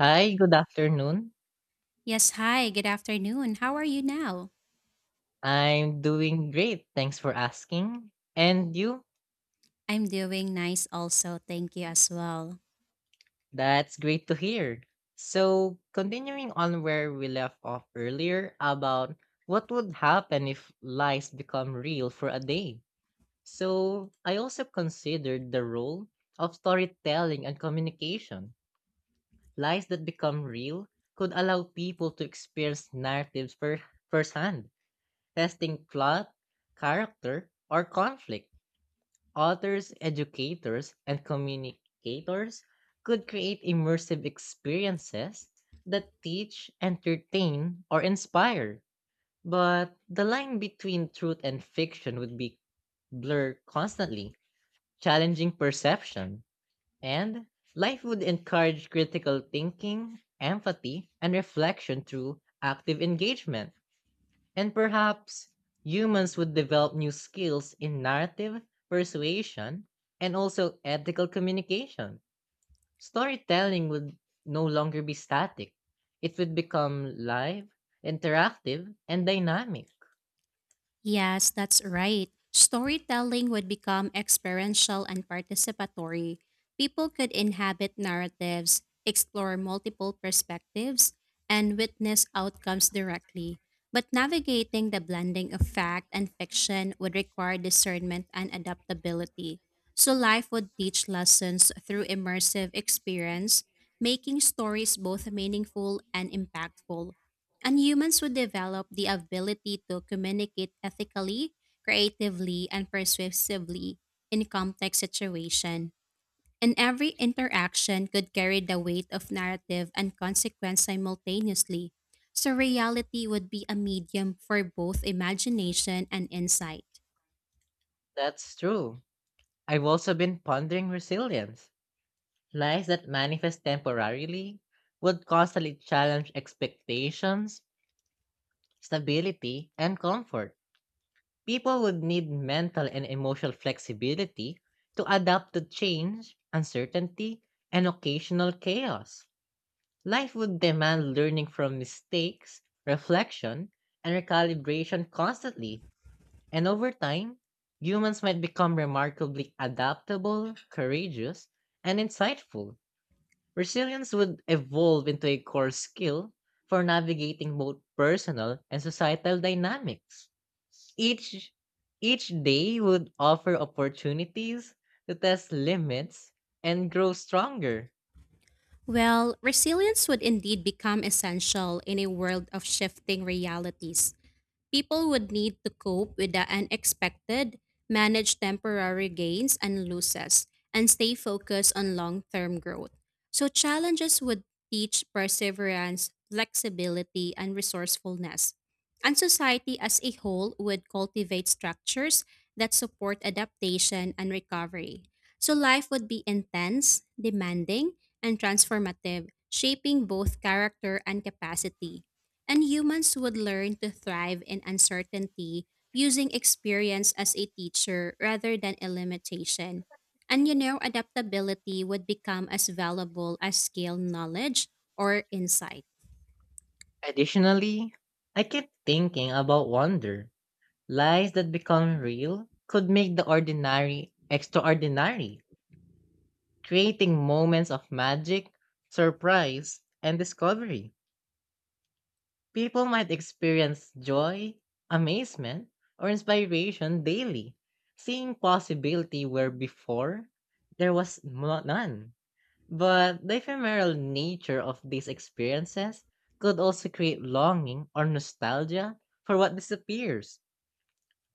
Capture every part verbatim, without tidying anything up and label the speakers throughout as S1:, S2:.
S1: Hi, good afternoon.
S2: Yes, hi, good afternoon. How are you now?
S1: I'm doing great. Thanks for asking. And you?
S2: I'm doing nice also. Thank you as well.
S1: That's great to hear. So, continuing on where we left off earlier about what would happen if lies become real for a day. So, I also considered the role of storytelling and communication. Lies that become real could allow people to experience narratives fir- firsthand, testing plot, character, or conflict. Authors, educators, and communicators could create immersive experiences that teach, entertain, or inspire. But the line between truth and fiction would be blurred constantly, challenging perception. And life would encourage critical thinking, empathy, and reflection through active engagement. And perhaps humans would develop new skills in narrative, persuasion, and also ethical communication. Storytelling would no longer be static. It would become live, interactive, and dynamic.
S2: Yes, that's right. Storytelling would become experiential and participatory. People could inhabit narratives, explore multiple perspectives, and witness outcomes directly. But navigating the blending of fact and fiction would require discernment and adaptability. So, life would teach lessons through immersive experience, making stories both meaningful and impactful. And humans would develop the ability to communicate ethically, creatively, and persuasively in complex situations. And every interaction could carry the weight of narrative and consequence simultaneously. So reality would be a medium for both imagination and insight.
S1: That's true. I've also been pondering resilience. Lies that manifest temporarily would constantly challenge expectations, stability, and comfort. People would need mental and emotional flexibility to adapt to change, uncertainty, and occasional chaos. Life would demand learning from mistakes, reflection, and recalibration constantly. And over time, humans might become remarkably adaptable, courageous, and insightful. Resilience would evolve into a core skill for navigating both personal and societal dynamics. Each each day would offer opportunities to test limits and grow stronger.
S2: Well, resilience would indeed become essential in a world of shifting realities. People would need to cope with the unexpected, manage temporary gains and losses, and stay focused on long term growth. So, challenges would teach perseverance, flexibility, and resourcefulness. And society as a whole would cultivate structures that support adaptation and recovery. So, life would be intense, demanding, and transformative, shaping both character and capacity, and humans would learn to thrive in uncertainty, using experience as a teacher rather than a limitation. And you know, adaptability would become as valuable as skill, knowledge, or insight.
S1: Additionally, I kept thinking about wonder. Lies that become real could make the ordinary extraordinary, creating moments of magic, surprise, and discovery. People might experience joy, amazement, or inspiration daily, seeing possibility where before there was mo- none. But the ephemeral nature of these experiences could also create longing or nostalgia for what disappears.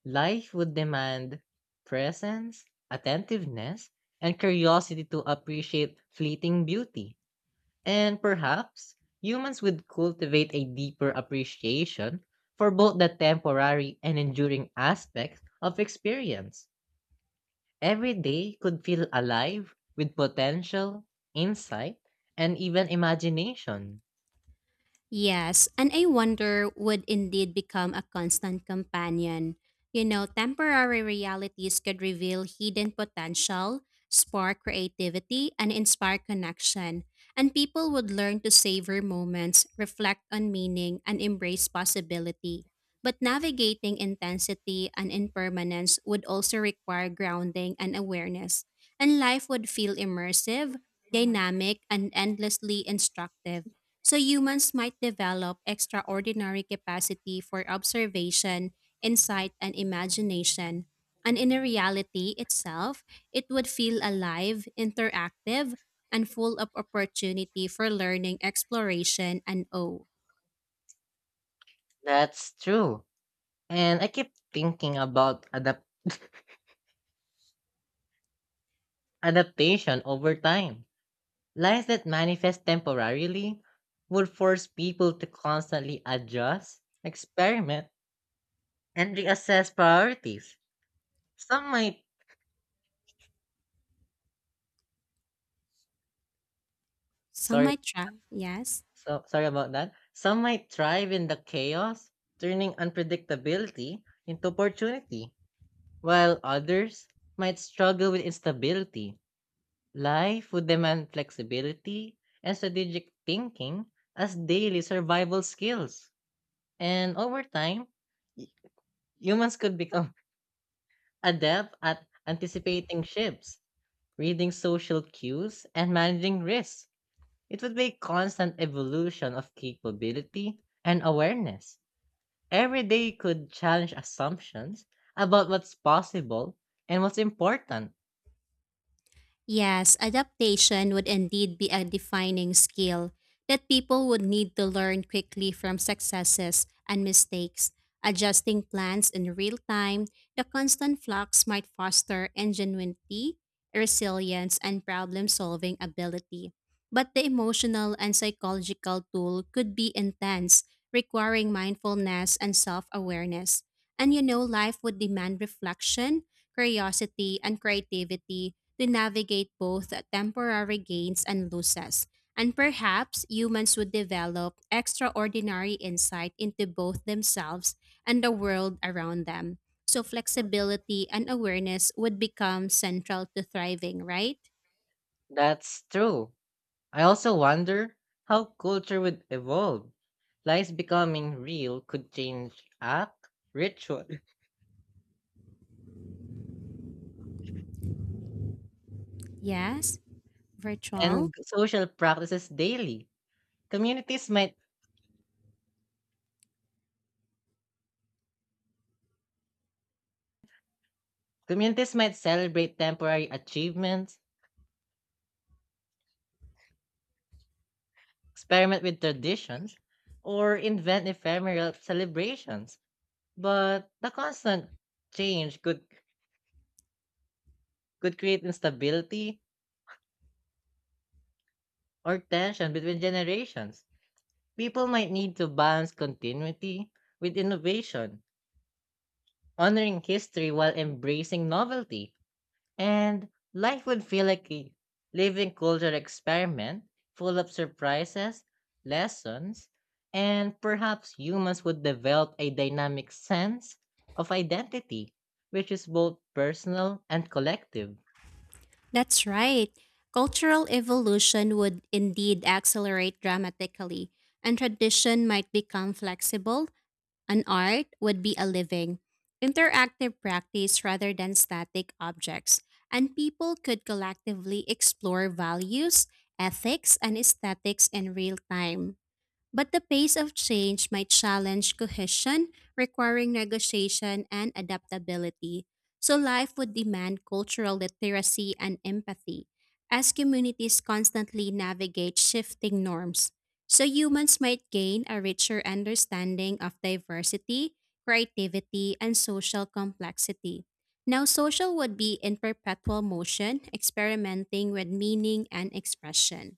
S1: Life would demand presence, attentiveness, and curiosity to appreciate fleeting beauty. And perhaps humans would cultivate a deeper appreciation for both the temporary and enduring aspects of experience. Every day could feel alive with potential, insight, and even imagination.
S2: Yes, and I wonder would indeed become a constant companion. You know, temporary realities could reveal hidden potential, spark creativity, and inspire connection. And people would learn to savor moments, reflect on meaning, and embrace possibility. But navigating intensity and impermanence would also require grounding and awareness. And life would feel immersive, dynamic, and endlessly instructive. So humans might develop extraordinary capacity for observation, insight, and imagination. And in a reality itself, it would feel alive, interactive, and full of opportunity for learning, exploration, and oh,
S1: That's true. And I keep thinking about adapt- adaptation over time. Lies that manifest temporarily would force people to constantly adjust, experiment, and reassess priorities. Some might,
S2: some
S1: sorry,
S2: might try, yes?
S1: so, sorry about that. Some might thrive in the chaos, turning unpredictability into opportunity. While others might struggle with instability, life would demand flexibility and strategic thinking as daily survival skills. And over time, y- humans could become adept at anticipating shifts, reading social cues, and managing risks. It would be a constant evolution of capability and awareness. Every day could challenge assumptions about what's possible and what's important.
S2: Yes, adaptation would indeed be a defining skill that people would need to learn quickly from successes and mistakes. Adjusting plans in real time, the constant flux might foster ingenuity, resilience, and problem solving ability. But the emotional and psychological toll could be intense, requiring mindfulness and self awareness. And you know, life would demand reflection, curiosity, and creativity to navigate both temporary gains and losses. And perhaps humans would develop extraordinary insight into both themselves and the world around them. So flexibility and awareness would become central to thriving, right?
S1: That's true. I also wonder how culture would evolve. Lies becoming real could change act, ritual,
S2: Yes, virtual.
S1: and social practices daily. Communities might communities might celebrate temporary achievements, experiment with traditions, or invent ephemeral celebrations. But the constant change could could create instability or tension between generations. People might need to balance continuity with innovation, honoring history while embracing novelty, and life would feel like a living cultural experiment full of surprises, lessons, and perhaps humans would develop a dynamic sense of identity, which is both personal and collective.
S2: That's right. Cultural evolution would indeed accelerate dramatically, and tradition might become flexible. An art would be a living, interactive practice rather than static objects, and people could collectively explore values, ethics, and aesthetics in real time. But the pace of change might challenge cohesion, requiring negotiation and adaptability. So life would demand cultural literacy and empathy, as communities constantly navigate shifting norms. So humans might gain a richer understanding of diversity, creativity, and social complexity. Now, social would be in perpetual motion, experimenting with meaning and expression.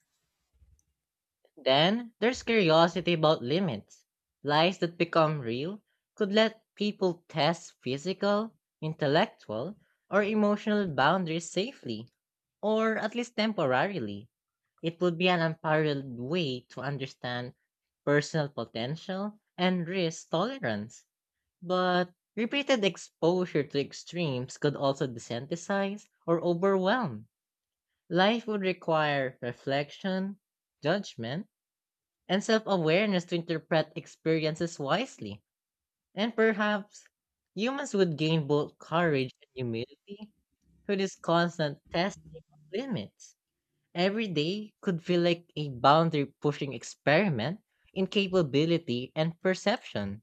S1: Then there's curiosity about limits. Lies that become real could let people test physical, intellectual, or emotional boundaries safely, or at least temporarily. It would be an unparalleled way to understand personal potential and risk tolerance. But repeated exposure to extremes could also desensitize or overwhelm. Life would require reflection, judgment, and self awareness to interpret experiences wisely. And perhaps humans would gain both courage and humility through this constant test of limits. Every day could feel like a boundary pushing experiment in capability and perception.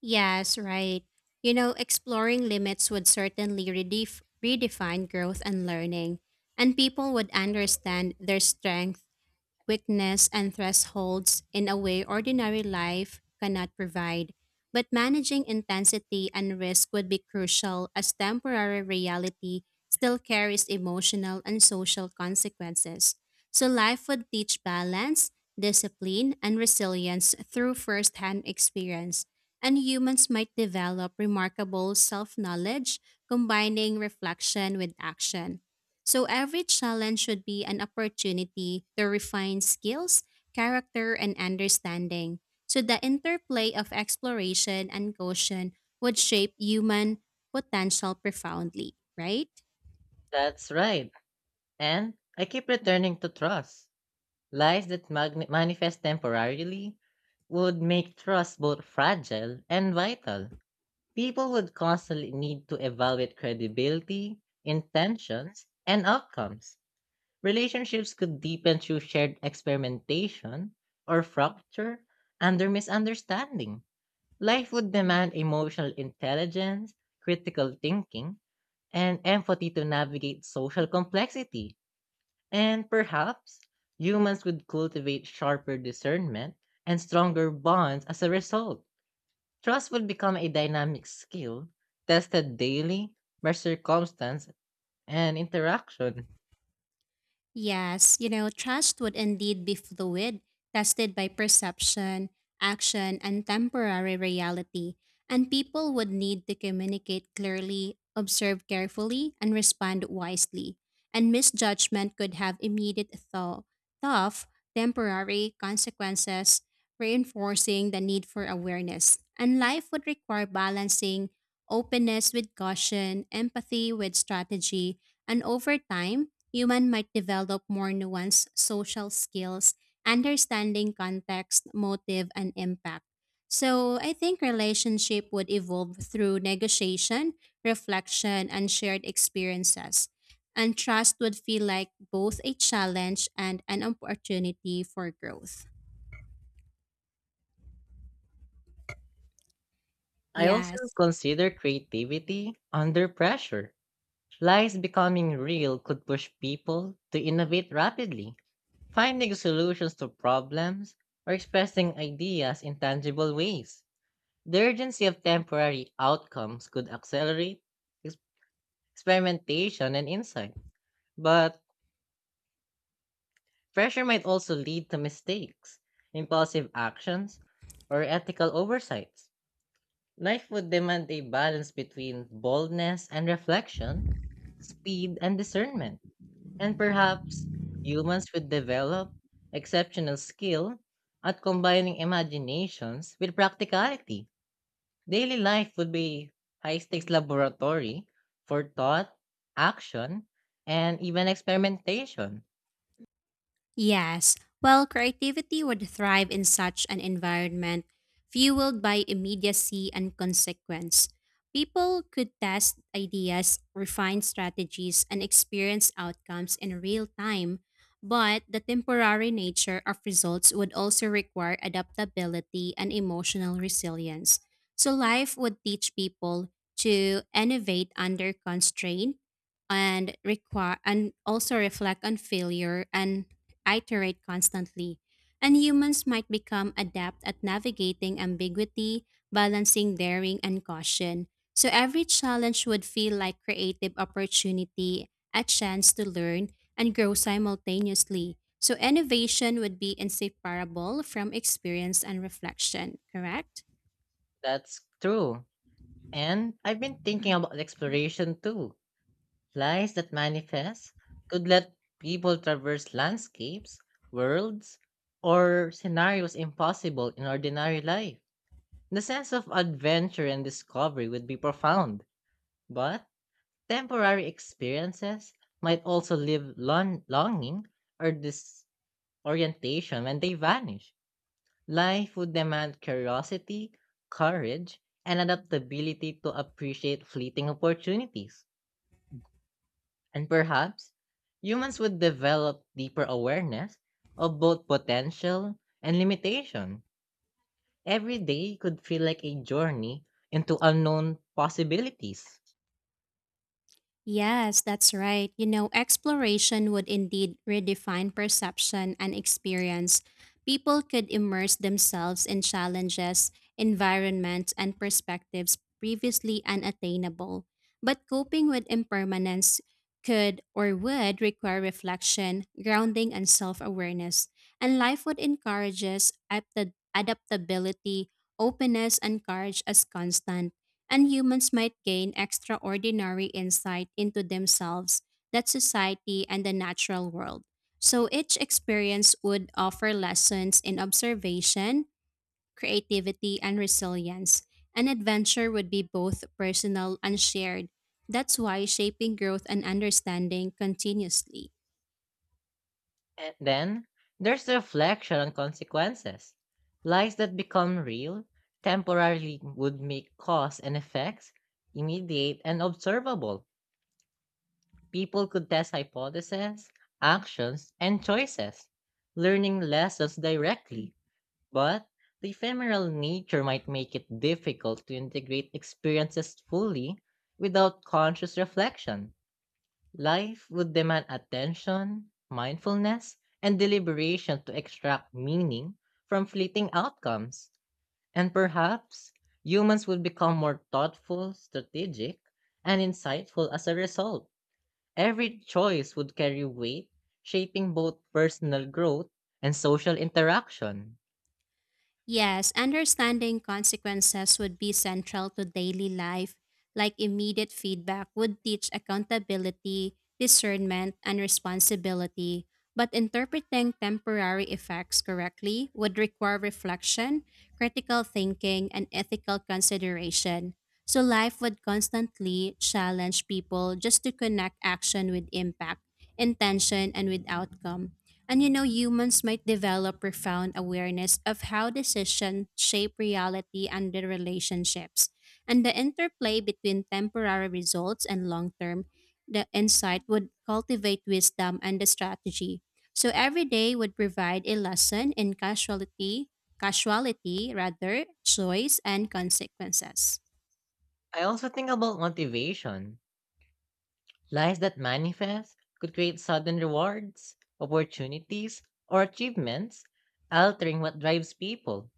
S2: Yes, right. You know, exploring limits would certainly redef- redefine growth and learning, and people would understand their strength, weakness, and thresholds in a way ordinary life cannot provide. But managing intensity and risk would be crucial, as temporary reality still carries emotional and social consequences. So, life would teach balance, discipline, and resilience through firsthand experience. And humans might develop remarkable self knowledge, combining reflection with action. So every challenge should be an opportunity to refine skills, character, and understanding. So the interplay of exploration and caution would shape human potential profoundly, right?
S1: That's right. And I keep returning to trust. Lies that magn- manifest temporarily would make trust both fragile and vital. People would constantly need to evaluate credibility, intentions, and outcomes. Relationships could deepen through shared experimentation or fracture under misunderstanding. Life would demand emotional intelligence, critical thinking, and empathy to navigate social complexity. And perhaps humans would cultivate sharper discernment and stronger bonds as a result. Trust will become a dynamic skill tested daily by circumstance and interaction.
S2: Yes, you know, trust would indeed be fluid, tested by perception, action, and temporary reality. And people would need to communicate clearly, observe carefully, and respond wisely. And misjudgment could have immediate, though tough, temporary consequences, reinforcing the need for awareness. And life would require balancing openness with caution, empathy with strategy, and over time, human might develop more nuanced social skills, understanding context, motive, and impact. So I think relationship would evolve through negotiation, reflection, and shared experiences. And trust would feel like both a challenge and an opportunity for growth.
S1: I also
S2: Yes.
S1: consider creativity under pressure. Lies becoming real could push people to innovate rapidly, finding solutions to problems or expressing ideas in tangible ways. The urgency of temporary outcomes could accelerate ex- experimentation and insight, but pressure might also lead to mistakes, impulsive actions, or ethical oversights. Life would demand a balance between boldness and reflection, speed and discernment, and perhaps humans would develop exceptional skill at combining imaginations with practicality. Daily life would be high stakes laboratory for thought, action, and even experimentation.
S2: Yes, well, creativity would thrive in such an environment, fueled by immediacy and consequence. People could test ideas, refine strategies, and experience outcomes in real time. But the temporary nature of results would also require adaptability and emotional resilience. So, life would teach people to innovate under constraint and require and also reflect on failure and iterate constantly, and humans might become adept at navigating ambiguity, balancing daring and caution. So every challenge would feel like creative opportunity, a chance to learn and grow simultaneously. So innovation would be inseparable from experience and reflection, correct?
S1: That's true. And I've been thinking about exploration too. Lies that manifest could let people traverse landscapes, worlds, or scenarios impossible in ordinary life. The sense of adventure and discovery would be profound, but temporary experiences might also leave lon- longing or disorientation when they vanish. Life would demand curiosity, courage, and adaptability to appreciate fleeting opportunities. And perhaps, humans would develop deeper awareness of both potential and limitation. Every day could feel like a journey into unknown possibilities.
S2: Yes, that's right. You know, exploration would indeed redefine perception and experience. People could immerse themselves in challenges, environments, and perspectives previously unattainable. But coping with impermanence could or would require reflection, grounding, and self awareness. And life would encourage us apt- adaptability, openness, and courage as constant, and humans might gain extraordinary insight into themselves, that society, and the natural world. So each experience would offer lessons in observation, creativity, and resilience. An adventure would be both personal and shared. That's why shaping growth and understanding continuously.
S1: And then, there's reflection on consequences. Lies that become real temporarily would make cause and effects immediate and observable. People could test hypotheses, actions, and choices, learning lessons directly, but the ephemeral nature might make it difficult to integrate experiences fully without conscious reflection. Life would demand attention, mindfulness, and deliberation to extract meaning from fleeting outcomes. And perhaps humans would become more thoughtful, strategic, and insightful as a result. Every choice would carry weight, shaping both personal growth and social interaction.
S2: Yes, understanding consequences would be central to daily life, like immediate feedback would teach accountability, discernment, and responsibility. But interpreting temporary effects correctly would require reflection, critical thinking, and ethical consideration. So life would constantly challenge people just to connect action with impact, intention, and with outcome. And you know, humans might develop profound awareness of how decisions shape reality and their relationships. And the interplay between temporary results and long term, the insight would cultivate wisdom and the strategy. So every day would provide a lesson in casualty, casuality rather, choice and consequences.
S1: I also think about motivation. Lies that manifest could create sudden rewards, opportunities, or achievements, altering what drives people.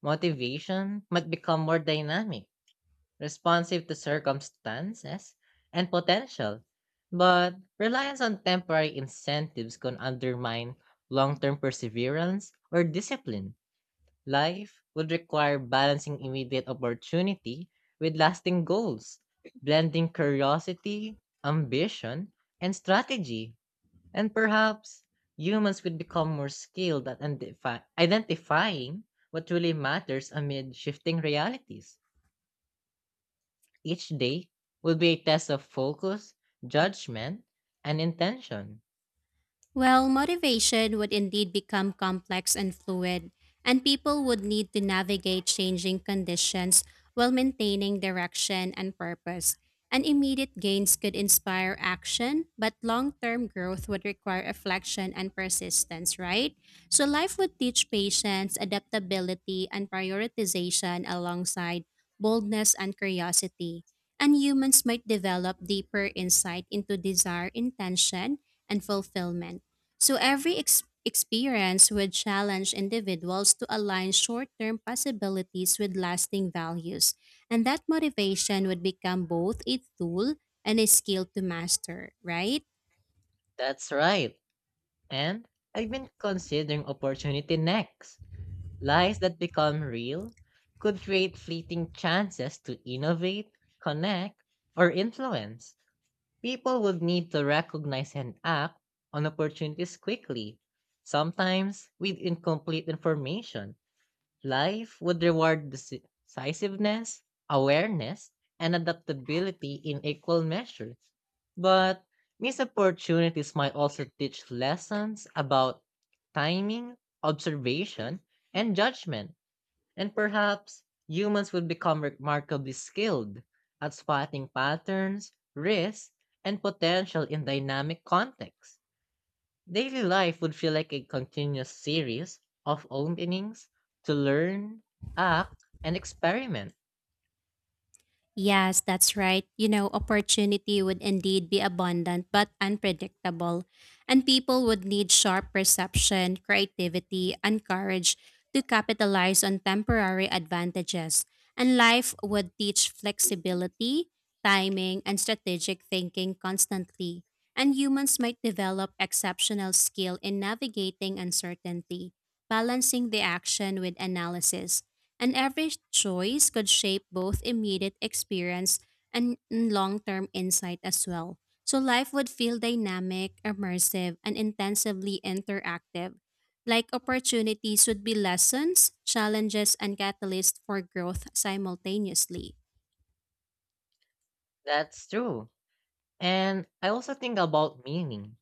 S1: Motivation might become more dynamic, responsive to circumstances and potential, but reliance on temporary incentives can undermine long term perseverance or discipline. Life would require balancing immediate opportunity with lasting goals, blending curiosity, ambition, and strategy. And perhaps humans would become more skilled at identifi- identifying what really matters amid shifting realities. Each day will be a test of focus, judgment, and intention.
S2: Well, motivation would indeed become complex and fluid, and people would need to navigate changing conditions while maintaining direction and purpose. And immediate gains could inspire action, but long term growth would require reflection and persistence, right? So, life would teach patience, adaptability, and prioritization alongside boldness and curiosity. And humans might develop deeper insight into desire, intention, and fulfillment. So every ex- experience would challenge individuals to align short term possibilities with lasting values, and that motivation would become both a tool and a skill to master, right?
S1: That's right. And I've been considering opportunity next. Lies that become real could create fleeting chances to innovate, connect, or influence. People would need to recognize and act on opportunities quickly, sometimes with incomplete information. Life would reward deci- decisiveness, awareness, and adaptability in equal measure. But these opportunities might also teach lessons about timing, observation, and judgment, and perhaps humans would become remarkably skilled at spotting patterns, risks, and potential in dynamic contexts. Daily life would feel like a continuous series of openings to learn, act, and experiment.
S2: Yes, that's right. You know, opportunity would indeed be abundant but unpredictable, and people would need sharp perception, creativity, and courage to capitalize on temporary advantages. And life would teach flexibility, timing, and strategic thinking constantly. And humans might develop exceptional skill in navigating uncertainty, balancing the action with analysis, and every choice could shape both immediate experience and long term insight as well. So life would feel dynamic, immersive, and intensively interactive. Like opportunities would be lessons, challenges, and catalysts for growth simultaneously.
S1: That's true. And I also think about meaning.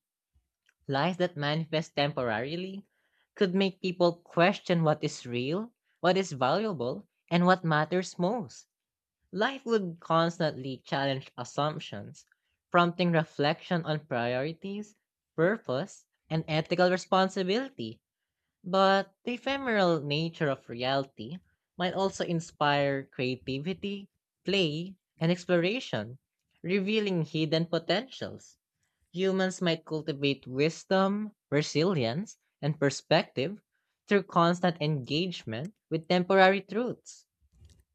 S1: Lies that manifest temporarily could make people question what is real, what is valuable, and what matters most. Life would constantly challenge assumptions, prompting reflection on priorities, purpose, and ethical responsibility. But the ephemeral nature of reality might also inspire creativity, play, and exploration, revealing hidden potentials. Humans might cultivate wisdom, resilience, and perspective through constant engagement with temporary truths.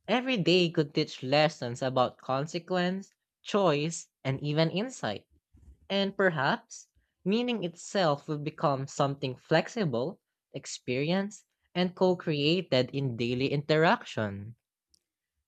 S1: Every day could teach lessons about consequence, choice, and even insight. And perhaps, meaning itself will become something flexible, experienced, and co created in daily interaction.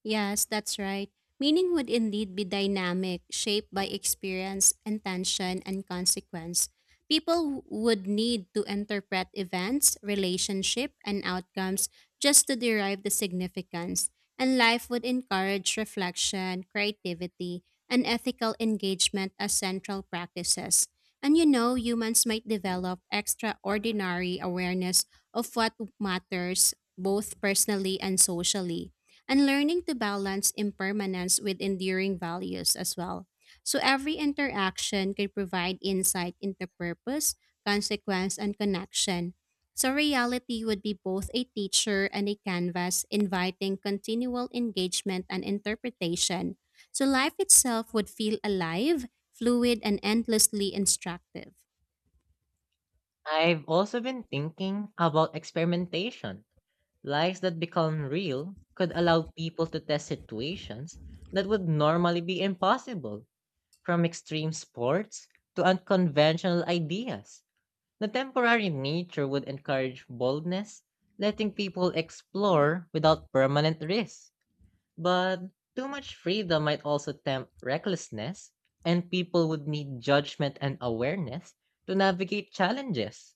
S2: Yes, that's right. Meaning would indeed be dynamic, shaped by experience, intention, and consequence. People w- would need to interpret events, relationship, and outcomes just to derive the significance. And life would encourage reflection, creativity, and ethical engagement as central practices. And you know, humans might develop extraordinary awareness of what matters both personally and socially, and learning to balance impermanence with enduring values as well. So every interaction can provide insight into purpose, consequence, and connection. So reality would be both a teacher and a canvas, inviting continual engagement and interpretation. So life itself would feel alive, fluid, and endlessly instructive.
S1: I've also been thinking about experimentation. Lives that become real could allow people to test situations that would normally be impossible, from extreme sports to unconventional ideas. The temporary nature would encourage boldness, letting people explore without permanent risk. But too much freedom might also tempt recklessness, and people would need judgment and awareness to navigate challenges.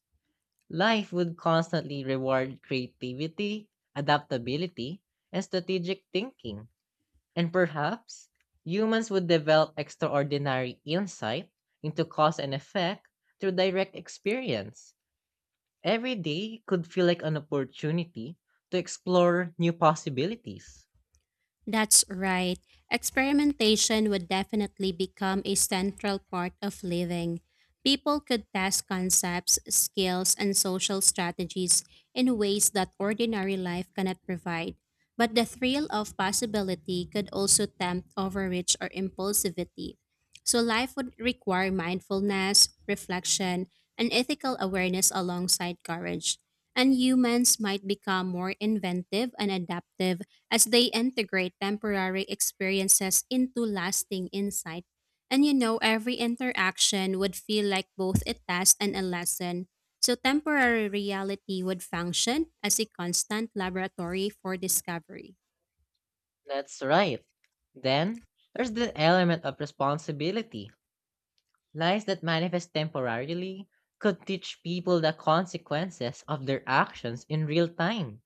S1: Life would constantly reward creativity, adaptability, and strategic thinking. And perhaps humans would develop extraordinary insight into cause and effect through direct experience. Every day could feel like an opportunity to explore new possibilities.
S2: That's right. Experimentation would definitely become a central part of living. People could test concepts, skills, and social strategies in ways that ordinary life cannot provide. But the thrill of possibility could also tempt overreach or impulsivity. So life would require mindfulness, reflection, and ethical awareness alongside courage. And humans might become more inventive and adaptive as they integrate temporary experiences into lasting insight. And you know, every interaction would feel like both a test and a lesson. So, temporary reality would function as a constant laboratory for discovery.
S1: That's right. Then, there's the element of responsibility. Lies that manifest temporarily could teach people the consequences of their actions in real time.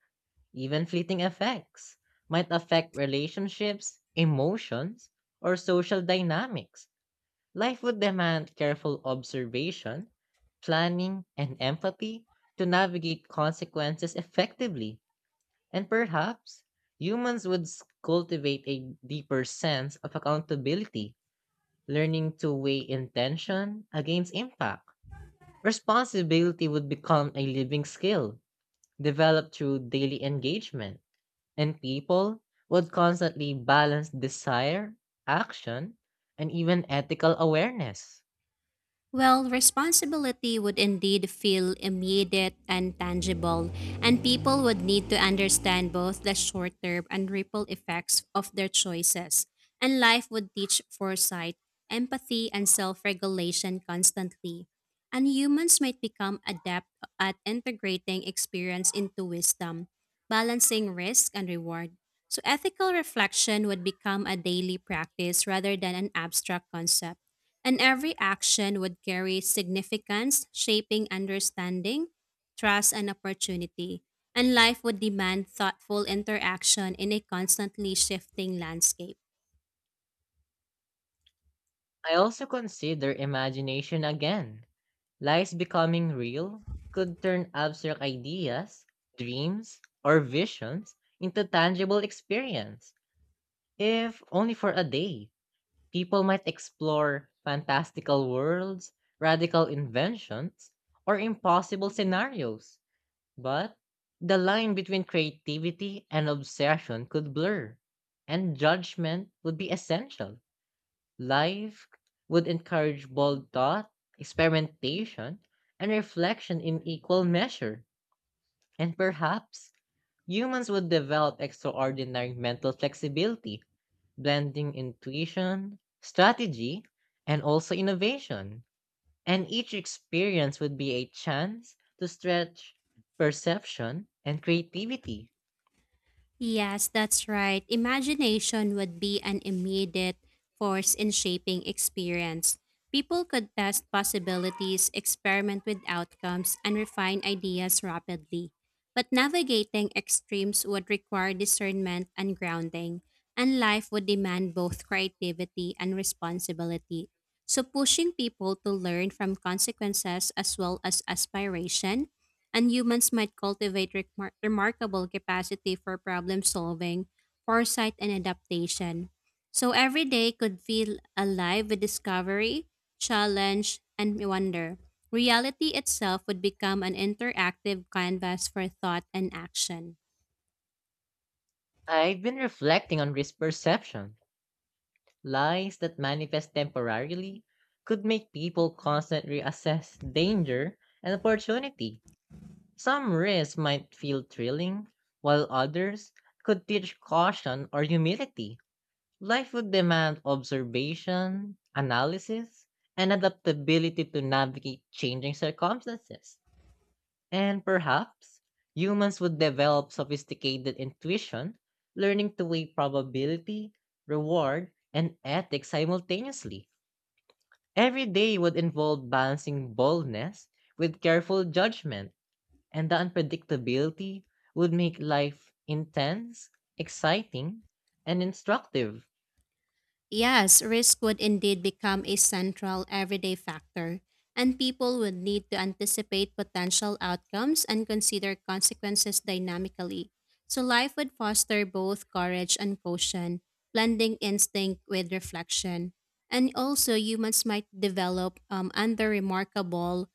S1: Even fleeting effects might affect relationships, emotions, or social dynamics. Life would demand careful observation, planning, and empathy to navigate consequences effectively. And perhaps humans would s- cultivate a deeper sense of accountability, learning to weigh intention against impact. Responsibility would become a living skill developed through daily engagement, and people would constantly balance desire, action, and even ethical awareness.
S2: Well, responsibility would indeed feel immediate and tangible, and people would need to understand both the short term and ripple effects of their choices. And life would teach foresight, empathy, and self regulation constantly. And humans might become adept at integrating experience into wisdom, balancing risk and reward. So, ethical reflection would become a daily practice rather than an abstract concept, and every action would carry significance, shaping understanding, trust, and opportunity. And life would demand thoughtful interaction in a constantly shifting landscape.
S1: I also consider imagination again. Lies becoming real could turn abstract ideas, dreams, or visions into tangible experience, if only for a day. People might explore fantastical worlds, radical inventions, or impossible scenarios. But the line between creativity and obsession could blur, and judgment would be essential. Life would encourage bold thought, experimentation, and reflection in equal measure. And perhaps humans would develop extraordinary mental flexibility, blending intuition, strategy, and also innovation. And each experience would be a chance to stretch perception and creativity.
S2: Yes, that's right. Imagination would be an immediate force in shaping experience. People could test possibilities, experiment with outcomes, and refine ideas rapidly. But navigating extremes would require discernment and grounding, and life would demand both creativity and responsibility. So, pushing people to learn from consequences as well as aspiration, and humans might cultivate remar- remarkable capacity for problem solving, foresight, and adaptation. So every day could feel alive with discovery, challenge, and wonder. Reality itself would become an interactive canvas for thought and action.
S1: I've been reflecting on risk perception. Lies that manifest temporarily could make people constantly assess danger and opportunity. Some risks might feel thrilling, while others could teach caution or humility. Life would demand observation, analysis, and adaptability to navigate changing circumstances. And perhaps humans would develop sophisticated intuition, learning to weigh probability, reward, and ethics simultaneously. Every day would involve balancing boldness with careful judgment, and the unpredictability would make life intense, exciting, and instructive.
S2: Yes, risk would indeed become a central everyday factor, and people would need to anticipate potential outcomes and consider consequences dynamically. So life would foster both courage and caution, blending instinct with reflection. And also, humans might develop um, under remarkable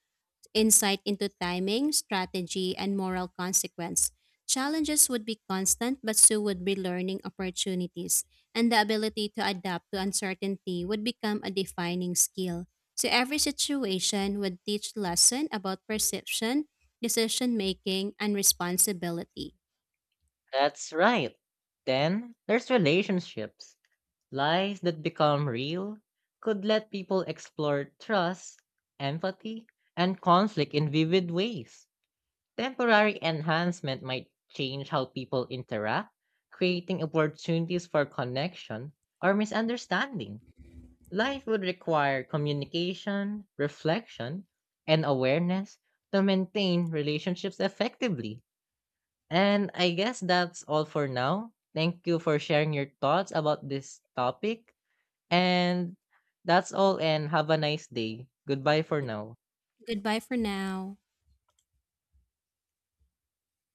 S2: insight into timing, strategy, and moral consequence. Challenges would be constant, but so would be learning opportunities, and the ability to adapt to uncertainty would become a defining skill. So every situation would teach lesson about perception, decision making, and responsibility.
S1: That's right. Then there's relationships. Lies that become real could let people explore trust, empathy, and conflict in vivid ways. Temporary enhancement might change how people interact, creating opportunities for connection or misunderstanding. Life would require communication, reflection, and awareness to maintain relationships effectively. And I guess that's all for now. Thank you for sharing your thoughts about this topic. And that's all and have a nice day. Goodbye for now.
S2: Goodbye for now.